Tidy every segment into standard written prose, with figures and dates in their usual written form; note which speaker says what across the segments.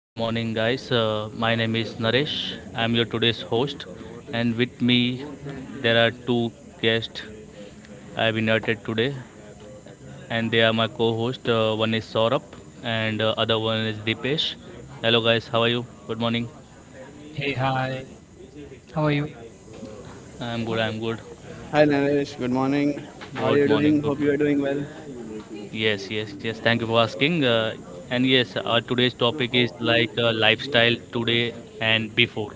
Speaker 1: good morning, guys. My name is Naresh. I'm your today's host, and with me there are two guests I've invited today, and they are my co-host. One is Saurabh, and other one is Dipesh. Hello, guys. How are you? Good morning.
Speaker 2: Hey, hi. How are you?
Speaker 1: I'm good. I'm good.
Speaker 3: Hi Naresh, good morning. How are
Speaker 1: Good
Speaker 3: you doing?
Speaker 1: morning. Good
Speaker 3: Hope you are doing
Speaker 1: morning.
Speaker 3: well.
Speaker 1: Yes, yes, yes. Thank you for asking. And yes, our today's topic is like lifestyle today and before.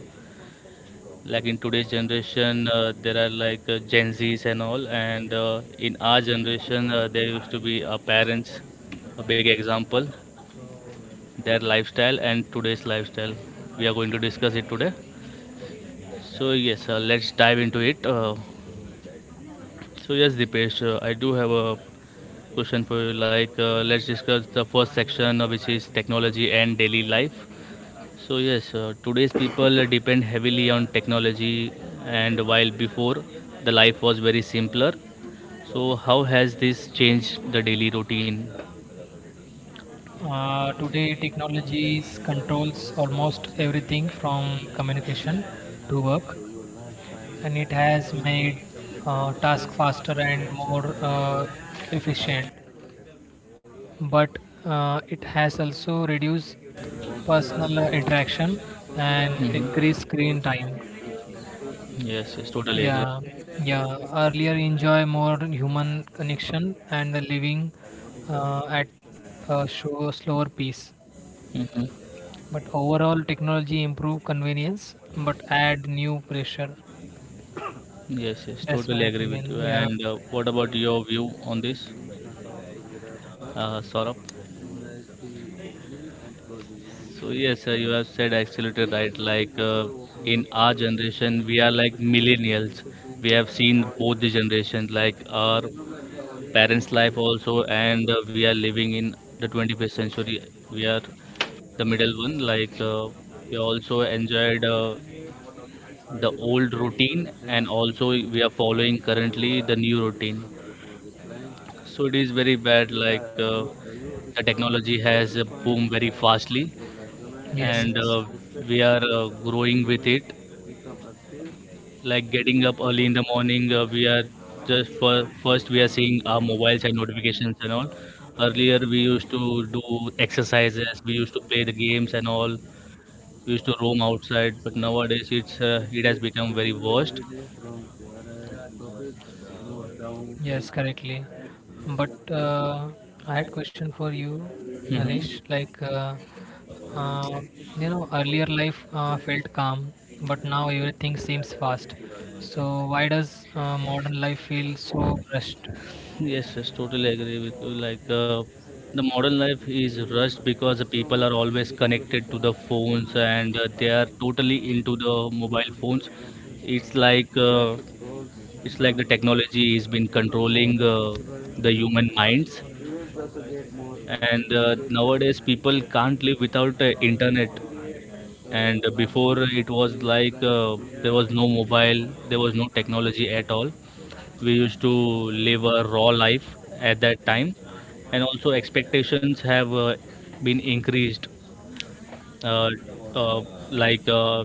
Speaker 1: Like in today's generation, there are like gen z's and all, and in our generation, there used to be our parents, a big example. Their lifestyle and today's lifestyle, we are going to discuss it today. So yes, let's dive into it. So yes, Dipesh, I do have a question for you. Like let's discuss the first section, which is technology and daily life. So yes, today's people depend heavily on technology, and while before the life was very simpler, so how has this changed the daily routine?
Speaker 2: Today, technologies controls almost everything from communication to work, and it has made tasks faster and more efficient. But it has also reduced personal interaction and
Speaker 1: Mhm.
Speaker 2: increased screen time.
Speaker 1: Yes, yes, totally agree.
Speaker 2: Yeah, yeah. Earlier, enjoy more human connection and the living at a show slower pace.
Speaker 1: Hmm.
Speaker 2: But overall, technology improve convenience, but add new pressure.
Speaker 1: Yes, yes,
Speaker 2: That's my
Speaker 1: totally agree with you.
Speaker 2: opinion. Yeah.
Speaker 1: And what about your view on this, Saurabh? So yes, you have said absolutely right. Like in our generation, we are like millennials. We have seen both the generations, like our parents' life also, and we are living in the 21st century. We are the middle one. Like we also enjoyed the old routine, and also we are following currently the new routine. So it is very bad. Like the technology has boomed very fastly,
Speaker 2: Yes.
Speaker 1: and
Speaker 2: Yes.
Speaker 1: we are growing with it. Like getting up early in the morning, we are just, for first, we are seeing our mobiles and notifications and all. Earlier we used to do exercises, we used to play the games and all, we used to roam outside, but nowadays it has become very worst.
Speaker 2: Yes. Correctly. But I had question for you, Naresh.
Speaker 1: Mhm.
Speaker 2: Uh, you know, earlier life felt calm, but now everything seems fast. So why does modern life feel so rushed?
Speaker 1: Yes, yes, totally agree with you. Like the modern life is rushed because the people are always connected to the phones and they are totally into the mobile phones. It's like uh, it's like the technology is been controlling the human minds, and nowadays people can't live without internet. And before it was like there was no mobile, there was no technology at all. We used to live a raw life at that time. And also, expectations have been increased. uh, uh, like uh,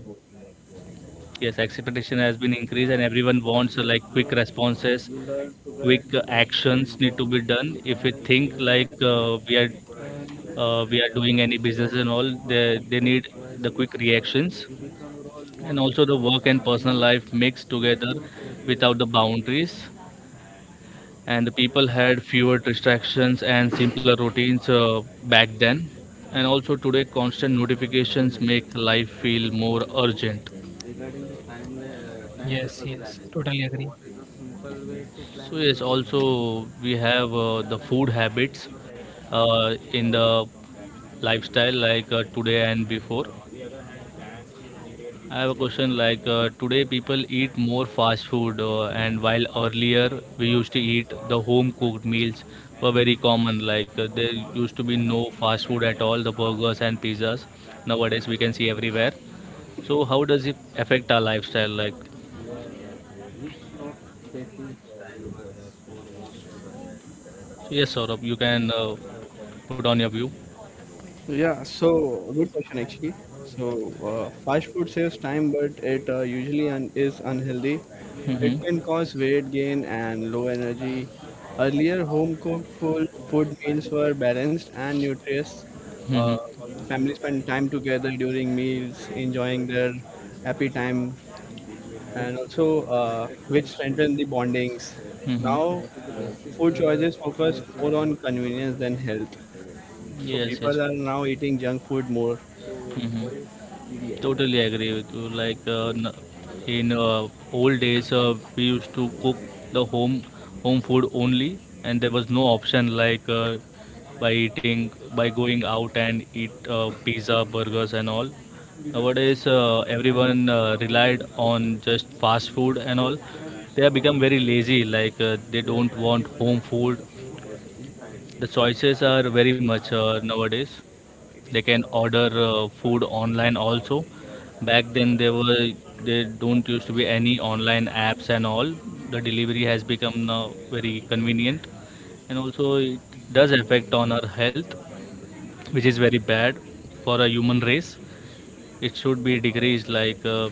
Speaker 1: yes expectation has been increased, and everyone wants like quick responses, quick actions need to be done. If we think like we are doing any business and all, they need the quick reactions. And also, the work and personal life mixed together without the boundaries. And the people had fewer distractions and simpler routines back then. And also today, constant notifications make life feel more urgent.
Speaker 2: Yes. Yes. Totally agree.
Speaker 1: So yes, also we have the food habits in the lifestyle, like today and before. I have a question, like today people eat more fast food, and while earlier we used to eat the home cooked meals, were very common. Like there used to be no fast food at all, the burgers and pizzas nowadays we can see everywhere. So how does it affect our lifestyle, like? So yes, Saurabh, you can put on your view.
Speaker 3: Yeah, so good question actually. So fast food saves time, but it usually is unhealthy. It can
Speaker 1: Mm-hmm.
Speaker 3: cause weight gain and low energy. Earlier, home cooked food meals were balanced and nutritious. Uh,
Speaker 1: Mm-hmm.
Speaker 3: families spend time together during meals, enjoying their happy time. And also which strengthen the bondings. Now,
Speaker 1: Mm-hmm.
Speaker 3: food choices focus more on convenience than health. So
Speaker 1: Yes,
Speaker 3: people
Speaker 1: yes.
Speaker 3: are now eating junk food more.
Speaker 1: Hmm. Totally agree with you. Like in old days, we used to cook the home food only, and there was no option, like by eating, by going out and eat pizza, burgers, and all. Nowadays, everyone relied on just fast food and all. They have become very lazy. Like they don't want home food, the choices are very much nowadays. They can order food online also. Back then there don't used to be any online apps and all. The delivery has become now very convenient, and also it does affect on our health, which is very bad for a human race. It should be decreased. Like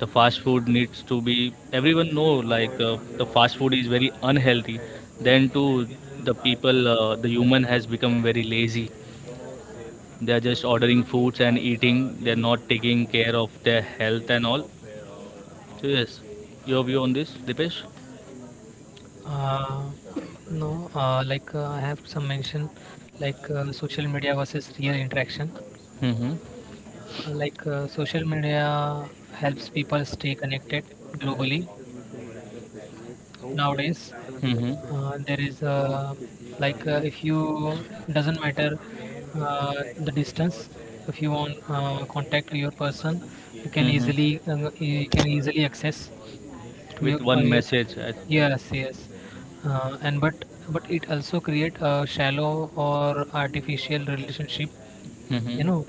Speaker 1: the fast food needs to be, everyone know, like the fast food is very unhealthy. Then too, the human has become very lazy. They are just ordering foods and eating, they're not taking care of their health and all. So yes, your view on this, Dipesh?
Speaker 2: Uh, no, I have some mention, like social media versus real interaction.
Speaker 1: Mm-hmm.
Speaker 2: Social media helps people stay connected globally nowadays. There is if you doesn't
Speaker 1: Mm-hmm.
Speaker 2: matter uh, the distance. If you want contact your person,
Speaker 1: Hmm.
Speaker 2: you can easily access to
Speaker 1: With
Speaker 2: your
Speaker 1: one
Speaker 2: career.
Speaker 1: message I,
Speaker 2: Yes, yes. And but it also create a shallow or artificial relationship, you
Speaker 1: hmm.
Speaker 2: know.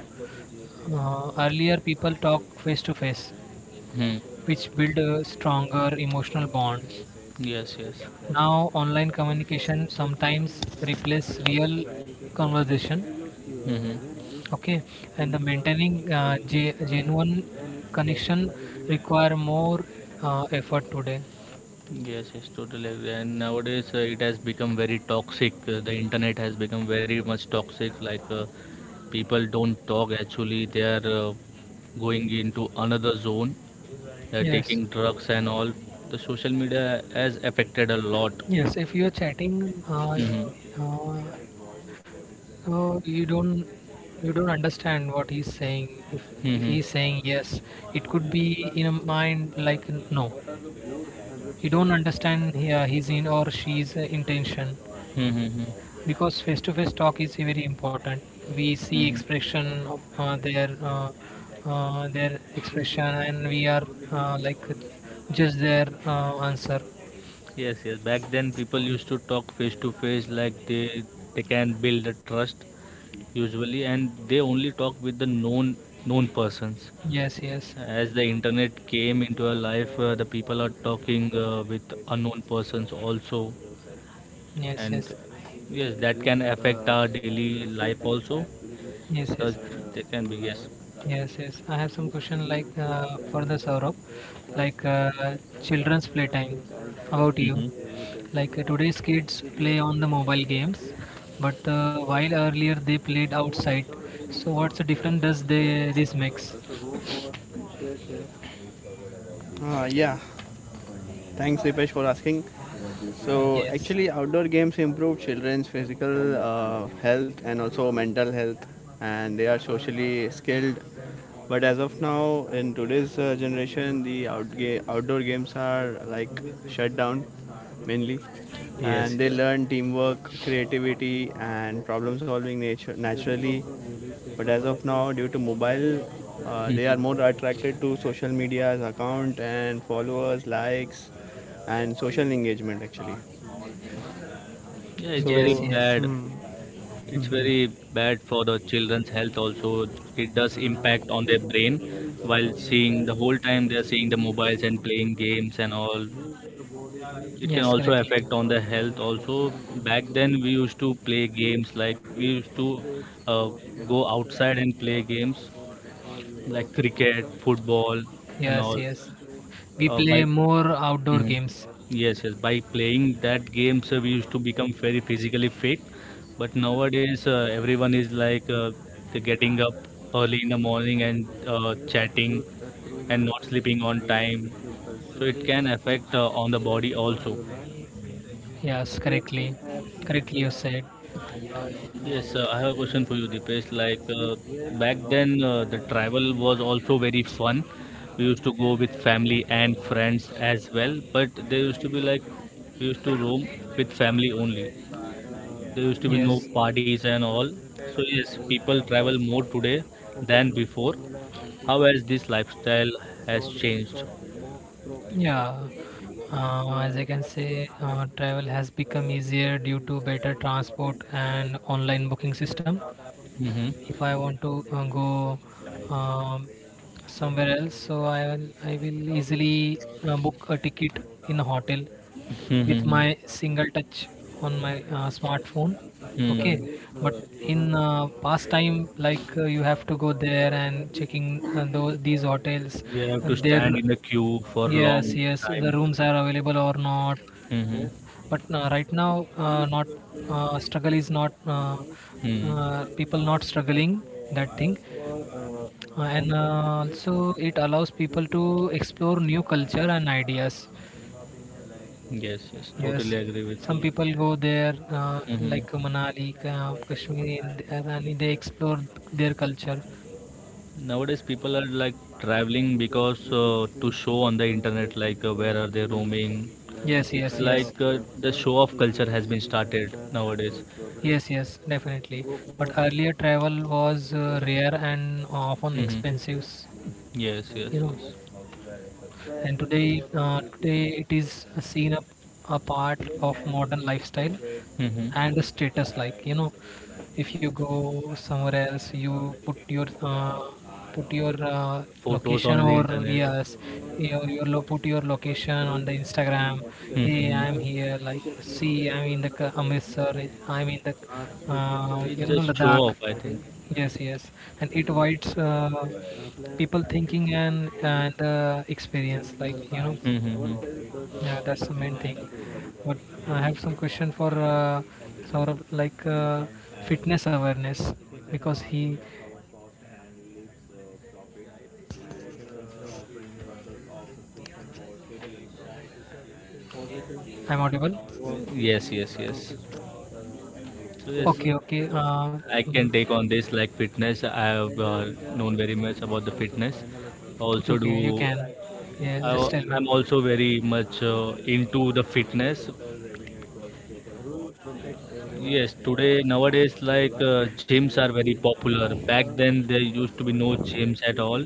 Speaker 2: Earlier people talk face to face,
Speaker 1: Hmm.
Speaker 2: which build a stronger emotional bond.
Speaker 1: Yes, yes.
Speaker 2: Now online communication sometimes replace real conversation.
Speaker 1: Hmm.
Speaker 2: Okay. And the maintaining genuine connection require more effort today.
Speaker 1: Yes, yes, totally agree. And nowadays, it has become very toxic. The internet has become very much toxic. Like people don't talk actually, they are going into another zone. They are
Speaker 2: Yes.
Speaker 1: taking drugs and all, the social media has affected a lot.
Speaker 2: Yes, if you're chatting,
Speaker 1: Hmm.
Speaker 2: uh, so you don't understand what he's saying. If
Speaker 1: Hmm.
Speaker 2: he's saying yes, it could be in a mind like no. You don't understand he, his in or she's intention,
Speaker 1: Hmm. Hmm.
Speaker 2: because face-to-face talk is very important. We see
Speaker 1: Hmm.
Speaker 2: expression of their expression and we are like just their answer.
Speaker 1: Yes, yes. Back then, people used to talk face to face, like they can build a trust usually, and they only talk with the known persons.
Speaker 2: Yes, yes,
Speaker 1: As the internet came into our life, the people are talking with unknown persons also,
Speaker 2: yes,
Speaker 1: and
Speaker 2: yes,
Speaker 1: yes, that can affect our daily life also.
Speaker 2: yes, yes.
Speaker 1: Because they can be, yes.
Speaker 2: Yes, yes. I have some question like for the Saurabh, like children's playtime. About you,
Speaker 1: Hmm.
Speaker 2: like today's kids play on the mobile games,
Speaker 1: Yes,
Speaker 2: but while earlier they played outside. So what's the difference does they this makes?
Speaker 3: Yeah, thanks, Dipesh, for asking. So,
Speaker 2: Yes,
Speaker 3: actually, outdoor games improve children's physical health and also mental health, and they are socially skilled. But as of now, in today's generation, the outdoor games are like shut down mainly,
Speaker 1: yes.
Speaker 3: and they learn teamwork, creativity, and problem solving nature naturally. But as of now, due to mobile, they are more
Speaker 1: Mhm.
Speaker 3: attracted to social media's account and followers likes and social engagement actually.
Speaker 1: Yeah, it's very
Speaker 2: yes,
Speaker 3: So
Speaker 2: yes,
Speaker 1: bad.
Speaker 3: hmm,
Speaker 1: It's very bad for the children's health also. It does impact on their brain, while seeing the whole time they are seeing the mobiles and playing games and all. It can
Speaker 2: yes.
Speaker 1: also
Speaker 2: Correctly.
Speaker 1: affect on the health also. Back then, we used to play games, like we used to uh, go outside and play games like cricket, football and
Speaker 2: Yes,
Speaker 1: all.
Speaker 2: yes. We
Speaker 1: By
Speaker 2: play more outdoor
Speaker 1: Mhm.
Speaker 2: games.
Speaker 1: Yes, yes. By playing that games, we used to become very physically fit. But nowadays, everyone is like they're getting up early in the morning, and chatting, and not sleeping on time. So it can affect on the body also.
Speaker 2: Yes, correctly. Correctly you said.
Speaker 1: Yes, I have a question for you, Dipesh. Like back then, the travel was also very fun. We used to go with family and friends as well, but there used to be like we used to roam with family only. There used to be no
Speaker 2: Yes.
Speaker 1: parties and all. So yes, people travel more today than before. How has this lifestyle has changed?
Speaker 2: Yeah, as I can say, travel has become easier due to better transport and online booking system.
Speaker 1: Hmm.
Speaker 2: If I want to go um, somewhere else, so I will easily book a ticket in a hotel with
Speaker 1: Hmm.
Speaker 2: my single touch on my smartphone. Okay, but
Speaker 1: Hmm.
Speaker 2: in past time, like you have to go there and checking those these hotels
Speaker 1: We have to
Speaker 2: and their.
Speaker 1: stand in the queue for
Speaker 2: Yes,
Speaker 1: long
Speaker 2: yes, the
Speaker 1: time.
Speaker 2: rooms are available or not,
Speaker 1: Hmm.
Speaker 2: but right now not struggle is not
Speaker 1: Hmm.
Speaker 2: people not struggling that thing, and also it allows people to explore new culture and ideas.
Speaker 1: Yes, yes,
Speaker 2: Yes,
Speaker 1: totally agree with
Speaker 2: some
Speaker 1: you.
Speaker 2: people go there, like
Speaker 1: Hmm.
Speaker 2: kashmir and there, and they explore their culture.
Speaker 1: Nowadays, people are like traveling because to show on the internet, like where are they roaming. Yes,
Speaker 2: Yes,
Speaker 1: it's
Speaker 2: yes, yes,
Speaker 1: like the show off culture has been started nowadays.
Speaker 2: yes, yes definitely. But earlier travel was rare and often
Speaker 1: Mm-hmm.
Speaker 2: expensive,
Speaker 1: Yes, yes,
Speaker 2: you know.
Speaker 1: yes.
Speaker 2: And today it is seen a part of modern lifestyle and a
Speaker 1: Mm-hmm.
Speaker 2: status, like you know, if you go somewhere else you put your put your uh,
Speaker 1: Photos
Speaker 2: location,
Speaker 1: on the
Speaker 2: or
Speaker 1: internet.
Speaker 2: yes, put your location on the Instagram. Hey, I'm
Speaker 1: Mm-hmm.
Speaker 2: here, like see, I'm in the Amritsar, I'm in the, you
Speaker 1: It's
Speaker 2: know,
Speaker 1: just show
Speaker 2: Ladakh.
Speaker 1: off, I think.
Speaker 2: Yes, yes, and it avoids people thinking and experience. Like you know,
Speaker 1: Mm-hmm.
Speaker 2: yeah, that's the main thing. But I have some question for sort of like fitness awareness, because he, I'm audible.
Speaker 1: Yes, yes, yes. So yes.
Speaker 2: Okay, okay,
Speaker 1: I
Speaker 2: mm,
Speaker 1: can take on this, like fitness. I have known very much about the fitness. I
Speaker 2: okay,
Speaker 1: also do.
Speaker 2: okay. You can, yeah.
Speaker 1: I,
Speaker 2: Just tell me.
Speaker 1: am also very much into the fitness. Yes, today nowadays, like gyms are very popular. Back then there used to be no gyms at all.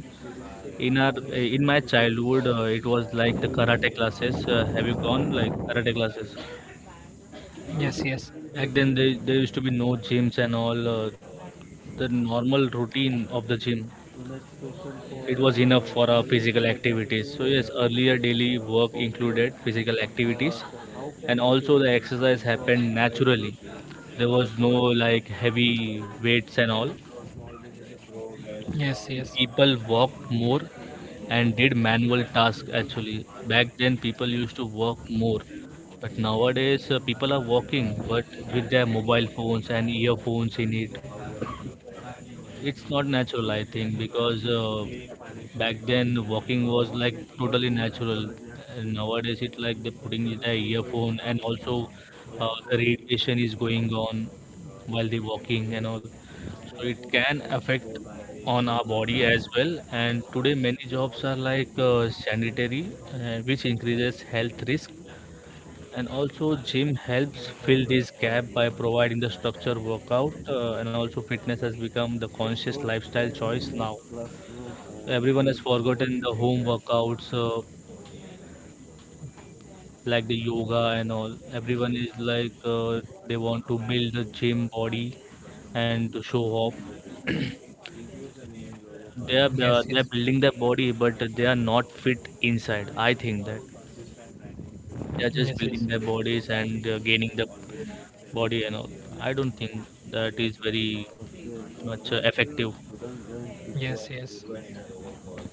Speaker 1: In my childhood, it was like the karate classes. Have you gone like karate classes?
Speaker 2: Yes, yes,
Speaker 1: Back then, there used to be no gyms and all. The normal routine of the gym, it was enough for our physical activities. So yes, earlier daily work included physical activities, and also the exercise happened naturally. There was no like heavy weights and all.
Speaker 2: yes, yes, yes,
Speaker 1: People walked more and did manual tasks actually. Back then, people used to walk more, but nowadays, people are walking but with their mobile phones and earphones in it. It's not natural, I think, because back then walking was like totally natural. And nowadays, it's like they're putting the earphone, and also, the radiation is going on while they're walking and all. So it can affect on our body as well. And today, many jobs are like sanitary, which increases health risk, and also gym helps fill this gap by providing the structure workout, and also fitness has become the conscious lifestyle choice now. Everyone has forgotten the home workouts, like the yoga and all. Everyone is like they want to build the gym body and to show off. they are uh,
Speaker 2: yes,
Speaker 1: they are
Speaker 2: yes,
Speaker 1: building their body but they are not fit inside, I think that they are just
Speaker 2: yes,
Speaker 1: building their bodies and gaining the body and all. I don't think that is very much effective.
Speaker 2: yes, yes,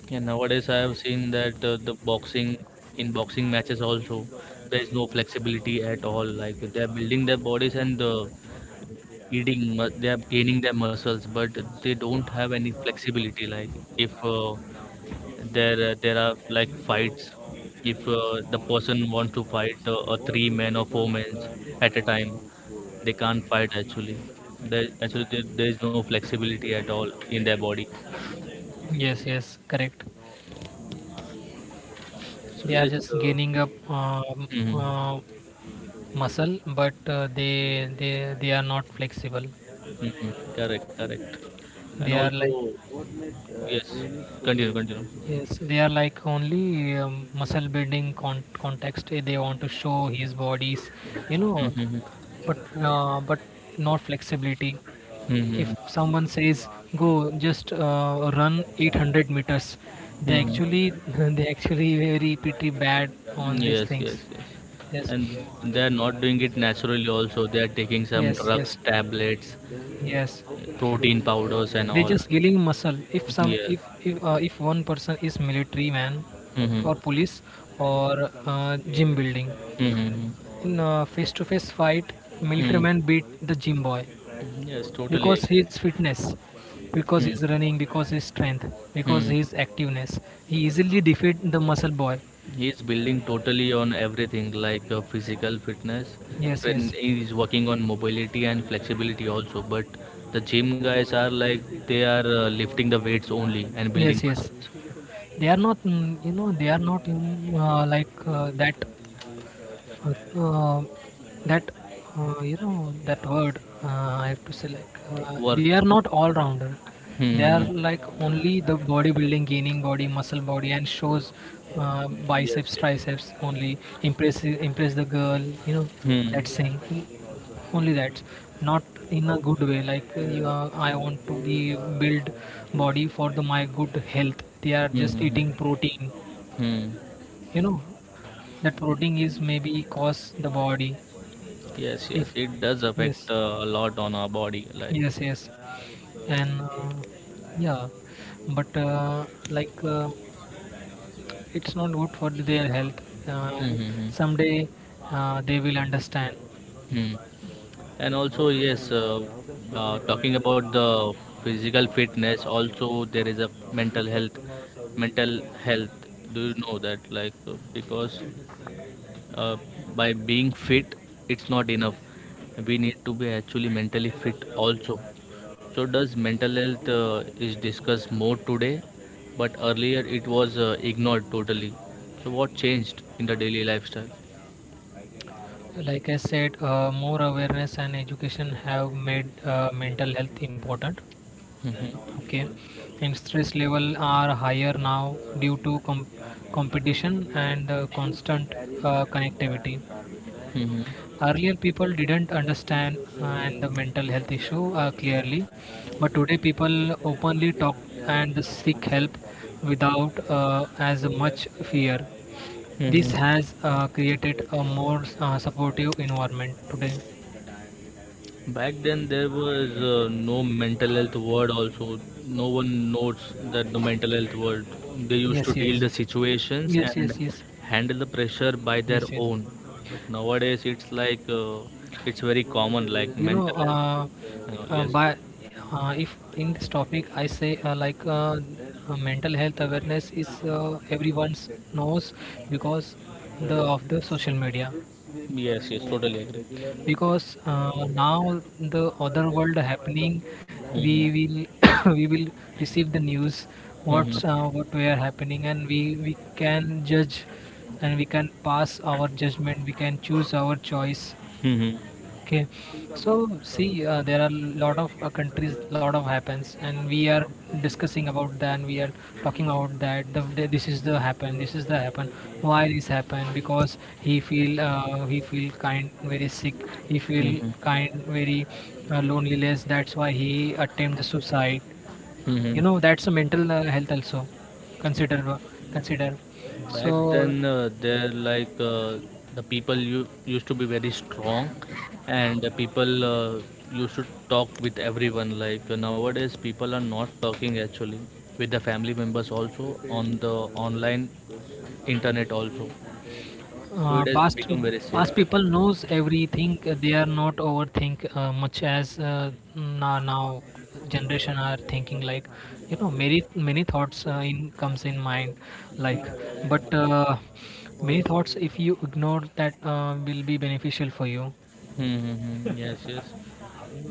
Speaker 1: Yeah, nowadays I have seen that the boxing in boxing matches also, there is no flexibility at all. Like they are building their bodies and eating, they are gaining their muscles, but they don't have any flexibility. Like if there are like fights, if the person wants to fight a three men or four men at a time, they can't fight actually. There, actually, there is no flexibility at all in their body.
Speaker 2: yes, yes. Correct.
Speaker 1: So
Speaker 2: They are
Speaker 1: yes,
Speaker 2: just gaining up
Speaker 1: mhm.
Speaker 2: muscle, but they are not flexible.
Speaker 1: Mhm. Correct, correct. And
Speaker 2: They are
Speaker 1: also,
Speaker 2: like,
Speaker 1: yes, so continue,
Speaker 2: yes, they are like only muscle building context, eh, they want to show his bodies, you know.
Speaker 1: continue. Mhm.
Speaker 2: But uh, but not flexibility. If
Speaker 1: Mhm.
Speaker 2: someone says go just run 800 meters, they actually they actually very pretty bad
Speaker 1: Mhm.
Speaker 2: on these
Speaker 1: Yes, yes,
Speaker 2: things.
Speaker 1: yes.
Speaker 2: Yes,
Speaker 1: And they're not doing it naturally also. They're taking some
Speaker 2: yes,
Speaker 1: drugs,
Speaker 2: yes.
Speaker 1: tablets,
Speaker 2: Yes,
Speaker 1: protein powders and
Speaker 2: they
Speaker 1: all.
Speaker 2: just gaining muscle. If some,
Speaker 1: Yes.
Speaker 2: if one person is military man,
Speaker 1: Mhm.
Speaker 2: or police, or gym building,
Speaker 1: Mhm.
Speaker 2: in a face-to-face fight, military
Speaker 1: Mhm.
Speaker 2: man beat the gym boy,
Speaker 1: Yes, totally
Speaker 2: because
Speaker 1: agree.
Speaker 2: his fitness, because
Speaker 1: Mhm.
Speaker 2: his running, because his strength, because
Speaker 1: Mhm.
Speaker 2: his activeness. He easily defeat the muscle boy.
Speaker 1: He's building totally on everything like physical fitness,
Speaker 2: Yes,
Speaker 1: and
Speaker 2: yes,
Speaker 1: he's working on mobility and flexibility also. But the gym guys are like they are lifting the weights only and
Speaker 2: yes,
Speaker 1: building
Speaker 2: yes.
Speaker 1: muscles.
Speaker 2: They are not, mm, you know, they are not, mm, like that uh, that you know, that word, I have to say, like they
Speaker 1: Worth.
Speaker 2: are not all rounder. They are
Speaker 1: Hmm.
Speaker 2: like only the bodybuilding, gaining body, muscle body, and shows
Speaker 1: Yes.
Speaker 2: biceps,
Speaker 1: Yes.
Speaker 2: triceps, only impress the girl. You know
Speaker 1: Hmm.
Speaker 2: that saying, only that, not in a good way, like you are, I want to be build body for the my good health, they are
Speaker 1: Hmm.
Speaker 2: just
Speaker 1: Hmm,
Speaker 2: eating protein,
Speaker 1: hmm. Hmm.
Speaker 2: you know, that protein is maybe cause the body.
Speaker 1: Yes.
Speaker 2: If
Speaker 1: Yes. It does
Speaker 2: yes,
Speaker 1: affect a lot on our body. Like.
Speaker 2: yes, yes. and Yeah, but like it's not good for their health. uh,
Speaker 1: Hmm. Hmm, hmm.
Speaker 2: Someday they will understand.
Speaker 1: Hmm. And also, yes, talking about the physical fitness, also there is a mental health. Mental health, do you know that? Like, because uh, by being fit, it's not enough. We need to be actually mentally fit also. So, does mental health is discussed more today? But earlier it was ignored totally. So, what changed in the daily lifestyle?
Speaker 2: Like I said, more awareness and education have made mental health important.
Speaker 1: Mhm.
Speaker 2: Okay. And stress level are higher now due to competition and constant connectivity.
Speaker 1: Mhm.
Speaker 2: Earlier people didn't understand and the mental health issue clearly, but today people openly talk and seek help without as much fear. This
Speaker 1: Mhm.
Speaker 2: has created a more supportive environment today.
Speaker 1: Back then, there was no mental health word, also. No one knows that the mental health word. They used to
Speaker 2: Yes,
Speaker 1: deal
Speaker 2: yes,
Speaker 1: the situations
Speaker 2: yes,
Speaker 1: and
Speaker 2: yes, yes,
Speaker 1: handle the pressure by their
Speaker 2: yes, yes.
Speaker 1: own. But nowadays, it's like it's very common, like
Speaker 2: You know,
Speaker 1: mental health. You know, yes.
Speaker 2: by if in this topic I say, mental health awareness is everyone's knows, because the of the social media,
Speaker 1: Yes, yes, totally agree.
Speaker 2: because now the other world happening, we
Speaker 1: Mm-hmm.
Speaker 2: will we will receive the news,
Speaker 1: Mm-hmm.
Speaker 2: what we are happening, and we can judge, and we can pass our judgment, we can choose our choice.
Speaker 1: Mm-hmm.
Speaker 2: Okay, so see, there are lot of countries, lot of happens, and we are discussing about that, and we are talking about that. This is the happen, this is the happen. Why this happen? Because he feel kind, very sick. He feel
Speaker 1: Mm-hmm.
Speaker 2: kind, very loneliness. That's why he attempt the suicide. You
Speaker 1: Mm-hmm.
Speaker 2: know, that's a mental health also. Consider, consider.
Speaker 1: Back
Speaker 2: So
Speaker 1: then, they like the people you used to be very strong, and the people used to talk with everyone. Like nowadays, people are not talking actually with the family members also on the online internet also. So it
Speaker 2: uh,
Speaker 1: has
Speaker 2: past
Speaker 1: become very
Speaker 2: past
Speaker 1: safe.
Speaker 2: people knows everything, they are not overthink much as now, now generation are thinking, like you know, many many thoughts in comes in mind, like, but many thoughts if you ignore that will be beneficial for you.
Speaker 1: Mm-hmm. Yes, yes.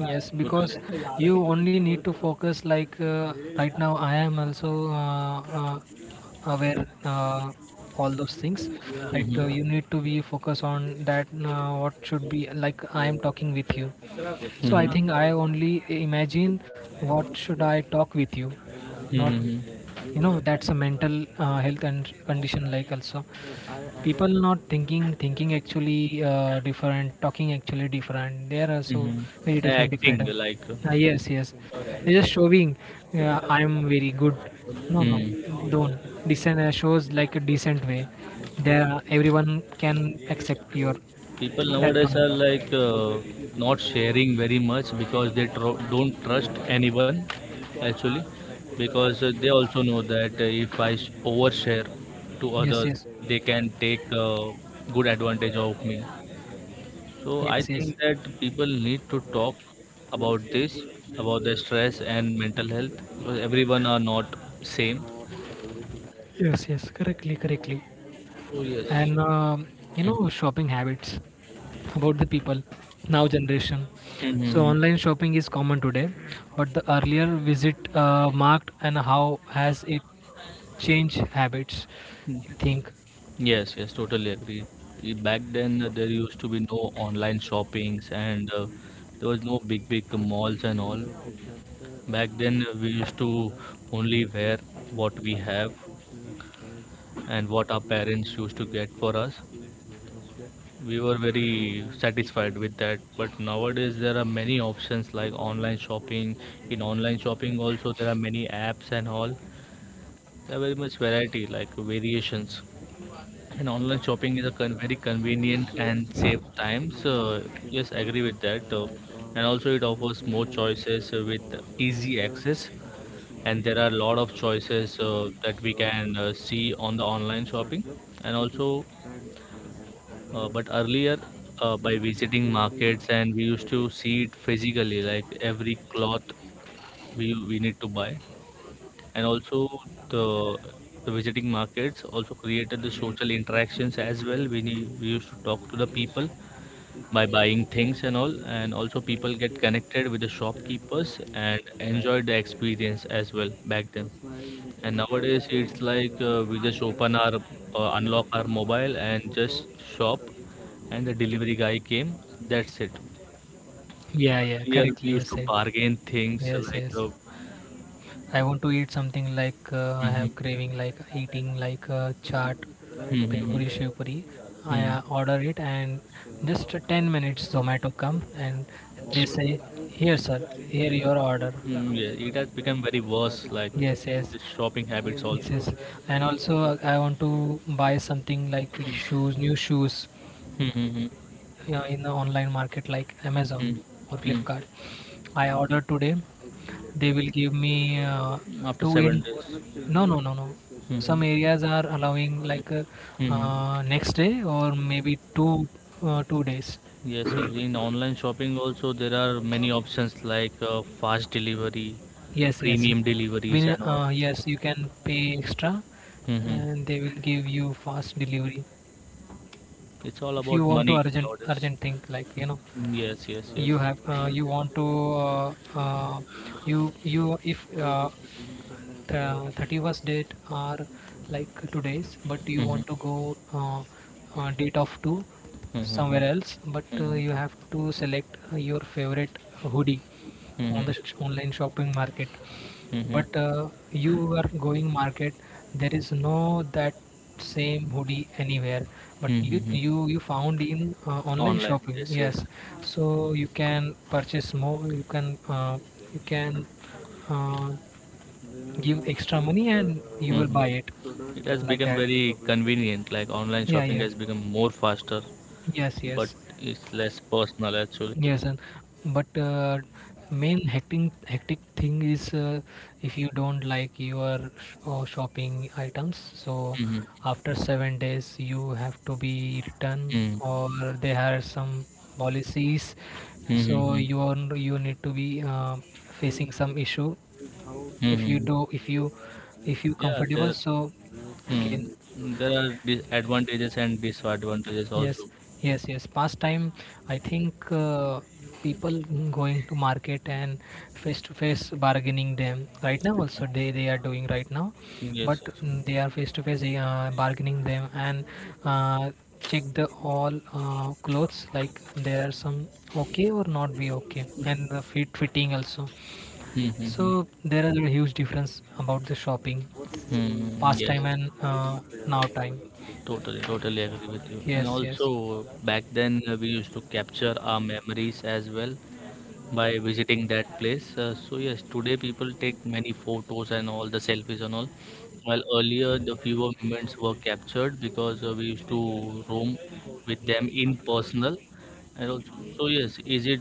Speaker 2: Yes, because
Speaker 1: Totally.
Speaker 2: you only need to focus. Like right now, I am also aware all those things. Right,
Speaker 1: Mm-hmm.
Speaker 2: you need to be focus on that. What should be, like I am talking with you, so I think I only imagine what should I talk with you, not,
Speaker 1: Mm-hmm.
Speaker 2: you know, that's a mental health and condition, like, also people not thinking actually, different, talking actually different, they are also very
Speaker 1: Mm-hmm.
Speaker 2: different,
Speaker 1: Acting like.
Speaker 2: yes, yes, they're just showing, I'm very good, no, no,
Speaker 1: Hmm.
Speaker 2: don't decent, shows like a decent way, there everyone can accept your
Speaker 1: People
Speaker 2: that
Speaker 1: nowadays
Speaker 2: tone.
Speaker 1: are like not sharing very much because they don't trust anyone actually because they also know that if I overshare to
Speaker 2: Yes,
Speaker 1: others,
Speaker 2: yes,
Speaker 1: they can take good advantage of me. So I
Speaker 2: yes, yes.
Speaker 1: think that people need to talk about this, about the stress and mental health because everyone are not same.
Speaker 2: Yes, yes, correctly, correctly.
Speaker 1: So yes.
Speaker 2: And, you
Speaker 1: Mhm.
Speaker 2: know, shopping habits about the people now generation. So
Speaker 1: Mhm.
Speaker 2: online shopping is common today, but the earlier visit marked, and how has it changed habits? You think?
Speaker 1: Yes, yes, totally agree. I- Back then, there used to be no online shoppings and there was no big, big malls and all. Back then, we used to only wear what we have and what our parents used to get for us. We were very satisfied with that. But nowadays, there are many options like online shopping. In online shopping, also, there are many apps and all. There are very much variety, like variations. And online shopping is a very convenient and saves time. So yes, I agree with that. And also, it offers more choices with easy access. And there are a lot of choices that we can see on the online shopping. And also, but earlier, by visiting markets, and we used to see it physically, like every cloth we need to buy and also the the visiting markets also created the social interactions as well we, we used to talk to the people by buying things and all and also people get connected with the shopkeepers and enjoy the experience as well back then and nowadays it's like we just open our unlock our mobile and just shop and the delivery guy came, that's it.
Speaker 2: Yeah, yeah,
Speaker 1: Earlier we
Speaker 2: correctly you
Speaker 1: used to
Speaker 2: said.
Speaker 1: bargain things
Speaker 2: Yes,
Speaker 1: like
Speaker 2: yes. I want to eat something, like I have
Speaker 1: hmm.
Speaker 2: craving like eating like, chaat, bhel
Speaker 1: Hmm.
Speaker 2: puri, shiv puri. I
Speaker 1: Hmm.
Speaker 2: order it, and just 10 minutes Zomato come and they say, here sir, here your order.
Speaker 1: Mm, yeah, it has become very worse, like
Speaker 2: Yes, yes,
Speaker 1: the shopping habits
Speaker 2: yes, yes.
Speaker 1: also.
Speaker 2: And also I want to buy something like shoes, new shoes.
Speaker 1: Hmm, hmm,
Speaker 2: Yeah, in the online market like
Speaker 1: hmm,
Speaker 2: Amazon
Speaker 1: hmm,
Speaker 2: or
Speaker 1: hmm.
Speaker 2: Flipkart. I ordered today. They will give me
Speaker 1: After
Speaker 2: two
Speaker 1: seven
Speaker 2: in.
Speaker 1: days.
Speaker 2: No, no, no, no.
Speaker 1: Hmm, hmm,
Speaker 2: Some areas are allowing, like
Speaker 1: hmm, hmm.
Speaker 2: next day or maybe two 2 days.
Speaker 1: Yes, yes, in online shopping also there are many options like fast delivery,
Speaker 2: Yes, yes.
Speaker 1: premium deliveries,
Speaker 2: We,
Speaker 1: and all.
Speaker 2: yes, you can pay extra,
Speaker 1: Hmm, hmm.
Speaker 2: and they will give you fast delivery.
Speaker 1: It's all
Speaker 2: If you
Speaker 1: about
Speaker 2: want to
Speaker 1: money
Speaker 2: urgent
Speaker 1: nowadays.
Speaker 2: urgent thing, like you know,
Speaker 1: Yes, yes, yes.
Speaker 2: you have you want to, you if 31st date are like today's, but you
Speaker 1: Mhm.
Speaker 2: want to go, date of to
Speaker 1: Mhm,
Speaker 2: somewhere
Speaker 1: mhm.
Speaker 2: else, but
Speaker 1: Mhm.
Speaker 2: you have to select your favorite hoodie on
Speaker 1: Mhm.
Speaker 2: the online shopping market,
Speaker 1: Mhm.
Speaker 2: but you are going market, there is no that same hoodie anywhere, but you
Speaker 1: Mhm.
Speaker 2: you you found in online
Speaker 1: Online.
Speaker 2: shopping,
Speaker 1: Yes. Yes.
Speaker 2: yes. So you can purchase more, you can uh, give extra money and you will buy
Speaker 1: Mhm.
Speaker 2: it
Speaker 1: It has
Speaker 2: like
Speaker 1: become
Speaker 2: that.
Speaker 1: very convenient. Like online
Speaker 2: Yeah,
Speaker 1: shopping
Speaker 2: yeah,
Speaker 1: has become more faster,
Speaker 2: yes,
Speaker 1: but
Speaker 2: yes,
Speaker 1: it's less personal actually.
Speaker 2: yes. And but uh, main hectic thing is, if you don't like your shopping items, so
Speaker 1: Mhm.
Speaker 2: after 7 days you have to be returned,
Speaker 1: Mhm.
Speaker 2: or there are some policies. So
Speaker 1: Mhm.
Speaker 2: you are, you need to be facing some issue. If you
Speaker 1: Mhm.
Speaker 2: do, if you, if you
Speaker 1: Yeah, there,
Speaker 2: comfortable, so
Speaker 1: hmm,
Speaker 2: okay.
Speaker 1: there are disadvantages and disadvantages
Speaker 2: Yes,
Speaker 1: also.
Speaker 2: yes, yes. Past time, I think people going to market and face to face bargaining them, right now also they are doing right now,
Speaker 1: Yes,
Speaker 2: but
Speaker 1: yes.
Speaker 2: mm, they are face to face bargaining them and uh, check the all clothes, like there are some okay or not be okay, and the fitting also.
Speaker 1: Hmm. Hmm, hmm.
Speaker 2: So there is a huge difference about the shopping
Speaker 1: Hmm.
Speaker 2: past time
Speaker 1: Yes.
Speaker 2: and now time.
Speaker 1: Totally, totally agree with you. And
Speaker 2: Yes, yes.
Speaker 1: also, back then we used to capture our memories as well by visiting that place. So yes, today people take many photos and all the selfies and all. While earlier the fewer moments were captured because we used to roam with them in personal. And also, so yes,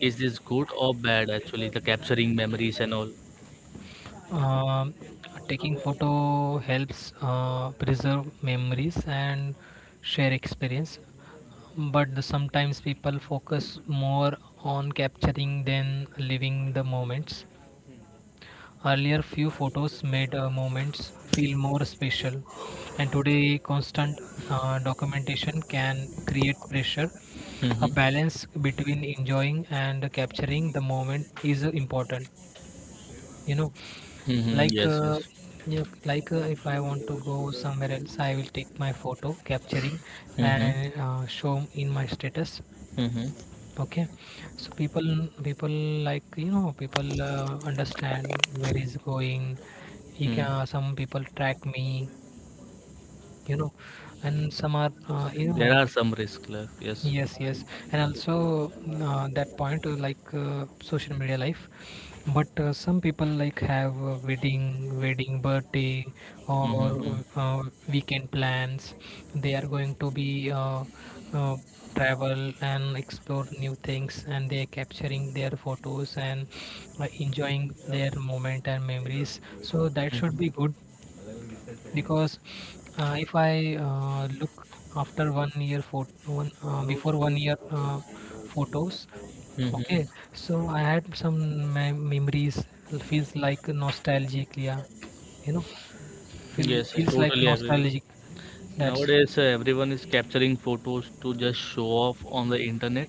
Speaker 1: is this good or bad actually? The capturing memories and all.
Speaker 2: Um, taking photo helps preserve memories and share experience, but sometimes people focus more on capturing than living the moments. Earlier, few photos made moments feel more special, and today, constant documentation can create pressure. A
Speaker 1: Mm-hmm.
Speaker 2: balance between enjoying and capturing the moment is important. You know,
Speaker 1: Mm-hmm.
Speaker 2: like
Speaker 1: Yes.
Speaker 2: uh,
Speaker 1: Yes.
Speaker 2: if like if I want to go somewhere else, I will take my photo capturing
Speaker 1: Mm-hmm.
Speaker 2: and show in my status.
Speaker 1: Mm-hmm.
Speaker 2: Okay, so people, like you know, people understand where is going, he can some people track me, you know, and some are, you
Speaker 1: There
Speaker 2: know.
Speaker 1: are some risks left. Yes.
Speaker 2: Yes, yes, and also, mm, that point, social media life, but some people like have, wedding, birthday, or
Speaker 1: Mm-hmm.
Speaker 2: weekend plans. They are going to be, uh, travel and explore new things, and they are capturing their photos and enjoying their moment and memories. So that should
Speaker 1: Mm-hmm.
Speaker 2: be good, because if I look after 1 year photo, one before 1 year photos,
Speaker 1: Mm-hmm.
Speaker 2: okay. So I had some memories. Feels like nostalgic, yeah. You know,
Speaker 1: Yes, I
Speaker 2: feels like
Speaker 1: totally agree with
Speaker 2: nostalgic.
Speaker 1: you.
Speaker 2: That's
Speaker 1: Nowadays, everyone is capturing photos to just show off on the internet.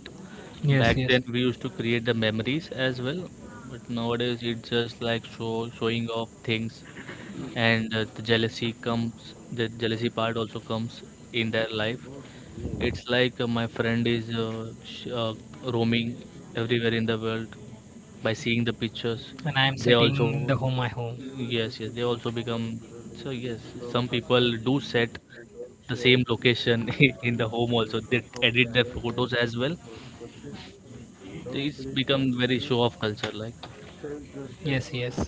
Speaker 2: yes,
Speaker 1: Back
Speaker 2: yes.
Speaker 1: then, we used to create the memories as well, but nowadays it's just like showing off things, and the jealousy comes. The jealousy part also comes in their life. It's like my friend is roaming everywhere in the world by seeing the pictures,
Speaker 2: And I am
Speaker 1: they also,
Speaker 2: setting the home my home.
Speaker 1: yes, yes, they also become, so yes, some people do set the same location in the home also, they edit their photos as well. It's become very show off culture like.
Speaker 2: Yes, yes.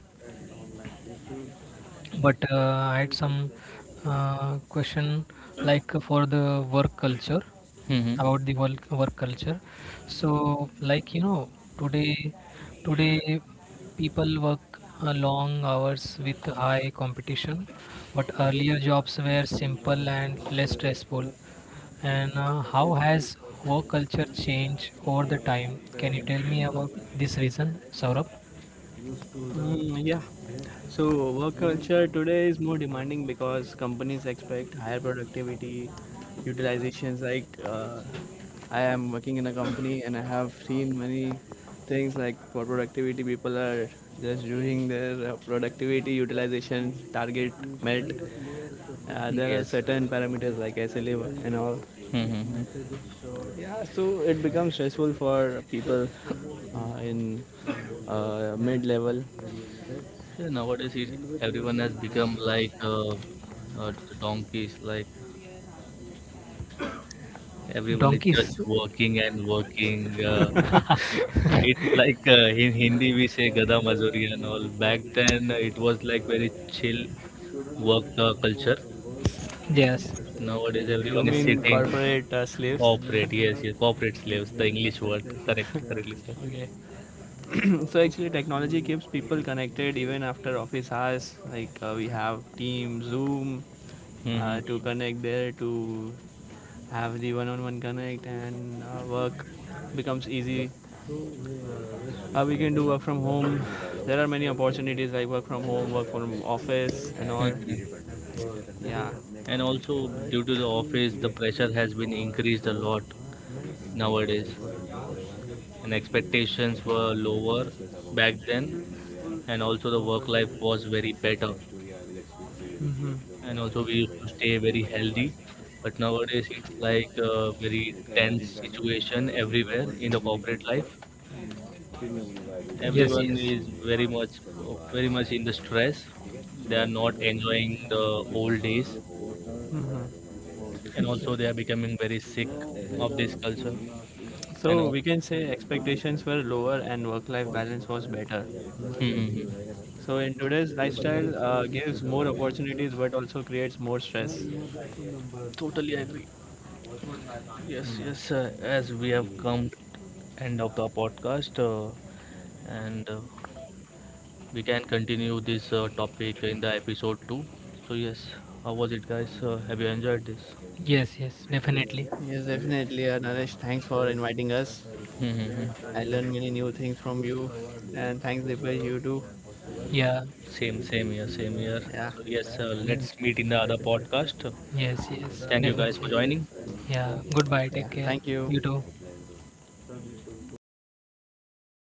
Speaker 2: But I had some question like for the work culture
Speaker 1: Hmm.
Speaker 2: about the work culture. So, like you know, today today people work long hours with high competition, but earlier jobs were simple and less stressful. And how has work culture changed over the time? Can you tell me about this reason, Saurabh?
Speaker 3: mm, yeah. So work culture today is more demanding because companies expect higher productivity, utilizations. I am working in a company and I have seen many things like, for productivity, people are just doing their productivity utilization target met. There are
Speaker 1: Yes.
Speaker 3: certain parameters like SLA and all.
Speaker 1: Hmm.
Speaker 3: Yeah, so it becomes stressful for people in mid level.
Speaker 1: Yeah, nowadays it, everyone has become like uh, donkeys like everyone is
Speaker 2: Donkeys.
Speaker 1: just working and working, uh, it's like in Hindi we say gada mazuri and all. Back then it was like very chill work culture.
Speaker 2: Yes.
Speaker 1: Nowadays
Speaker 3: You
Speaker 1: everyone is
Speaker 3: mean
Speaker 1: sitting
Speaker 3: corporate slaves?
Speaker 1: corporate. Yes, yes, corporate slaves. The English word correct, correctly sir.
Speaker 3: Okay. So actually, technology keeps people connected even after office hours. We have Teams, Zoom to
Speaker 1: Hmm.
Speaker 3: connect there to have the one-on-one connect, and work becomes easy. We can do work from home. There are many opportunities like work from home, work from office, and all. Yeah.
Speaker 1: And also due to the office, the pressure has been increased a lot nowadays, and expectations were lower back then, and also the work life was very better
Speaker 3: Mhm.
Speaker 1: and also we used to stay very healthy. But nowadays it's like a very tense situation everywhere in the corporate life.
Speaker 2: Yes,
Speaker 1: Everyone
Speaker 2: yes.
Speaker 1: is very much very much in the stress. They are not enjoying the old days,
Speaker 3: Mhm.
Speaker 1: and also they are becoming very sick of this culture. And
Speaker 3: So
Speaker 1: al-
Speaker 3: we can say expectations were lower and work-life balance was better.
Speaker 1: Mhm.
Speaker 3: So in today's lifestyle, gives more opportunities but also creates more stress.
Speaker 1: Totally agree. Yes, yes. As we have come end of the podcast, and we can continue this topic in the episode 2. So yes, how was it guys, have you enjoyed this?
Speaker 2: Yes, yes, definitely.
Speaker 3: Yes, definitely. Naresh, thanks for inviting us.
Speaker 1: Mhm.
Speaker 3: I learned many new things from you, and thanks, Dipesh, you too.
Speaker 2: Yeah.
Speaker 1: Same same here, same here.
Speaker 3: Yeah,
Speaker 1: So yes, let's meet in the other podcast.
Speaker 2: Yes, yes,
Speaker 1: Thank you guys for
Speaker 2: definitely.
Speaker 1: joining.
Speaker 2: Yeah. Goodbye.
Speaker 3: yeah.
Speaker 2: Take care.
Speaker 3: Thank
Speaker 2: You
Speaker 3: you.
Speaker 2: too.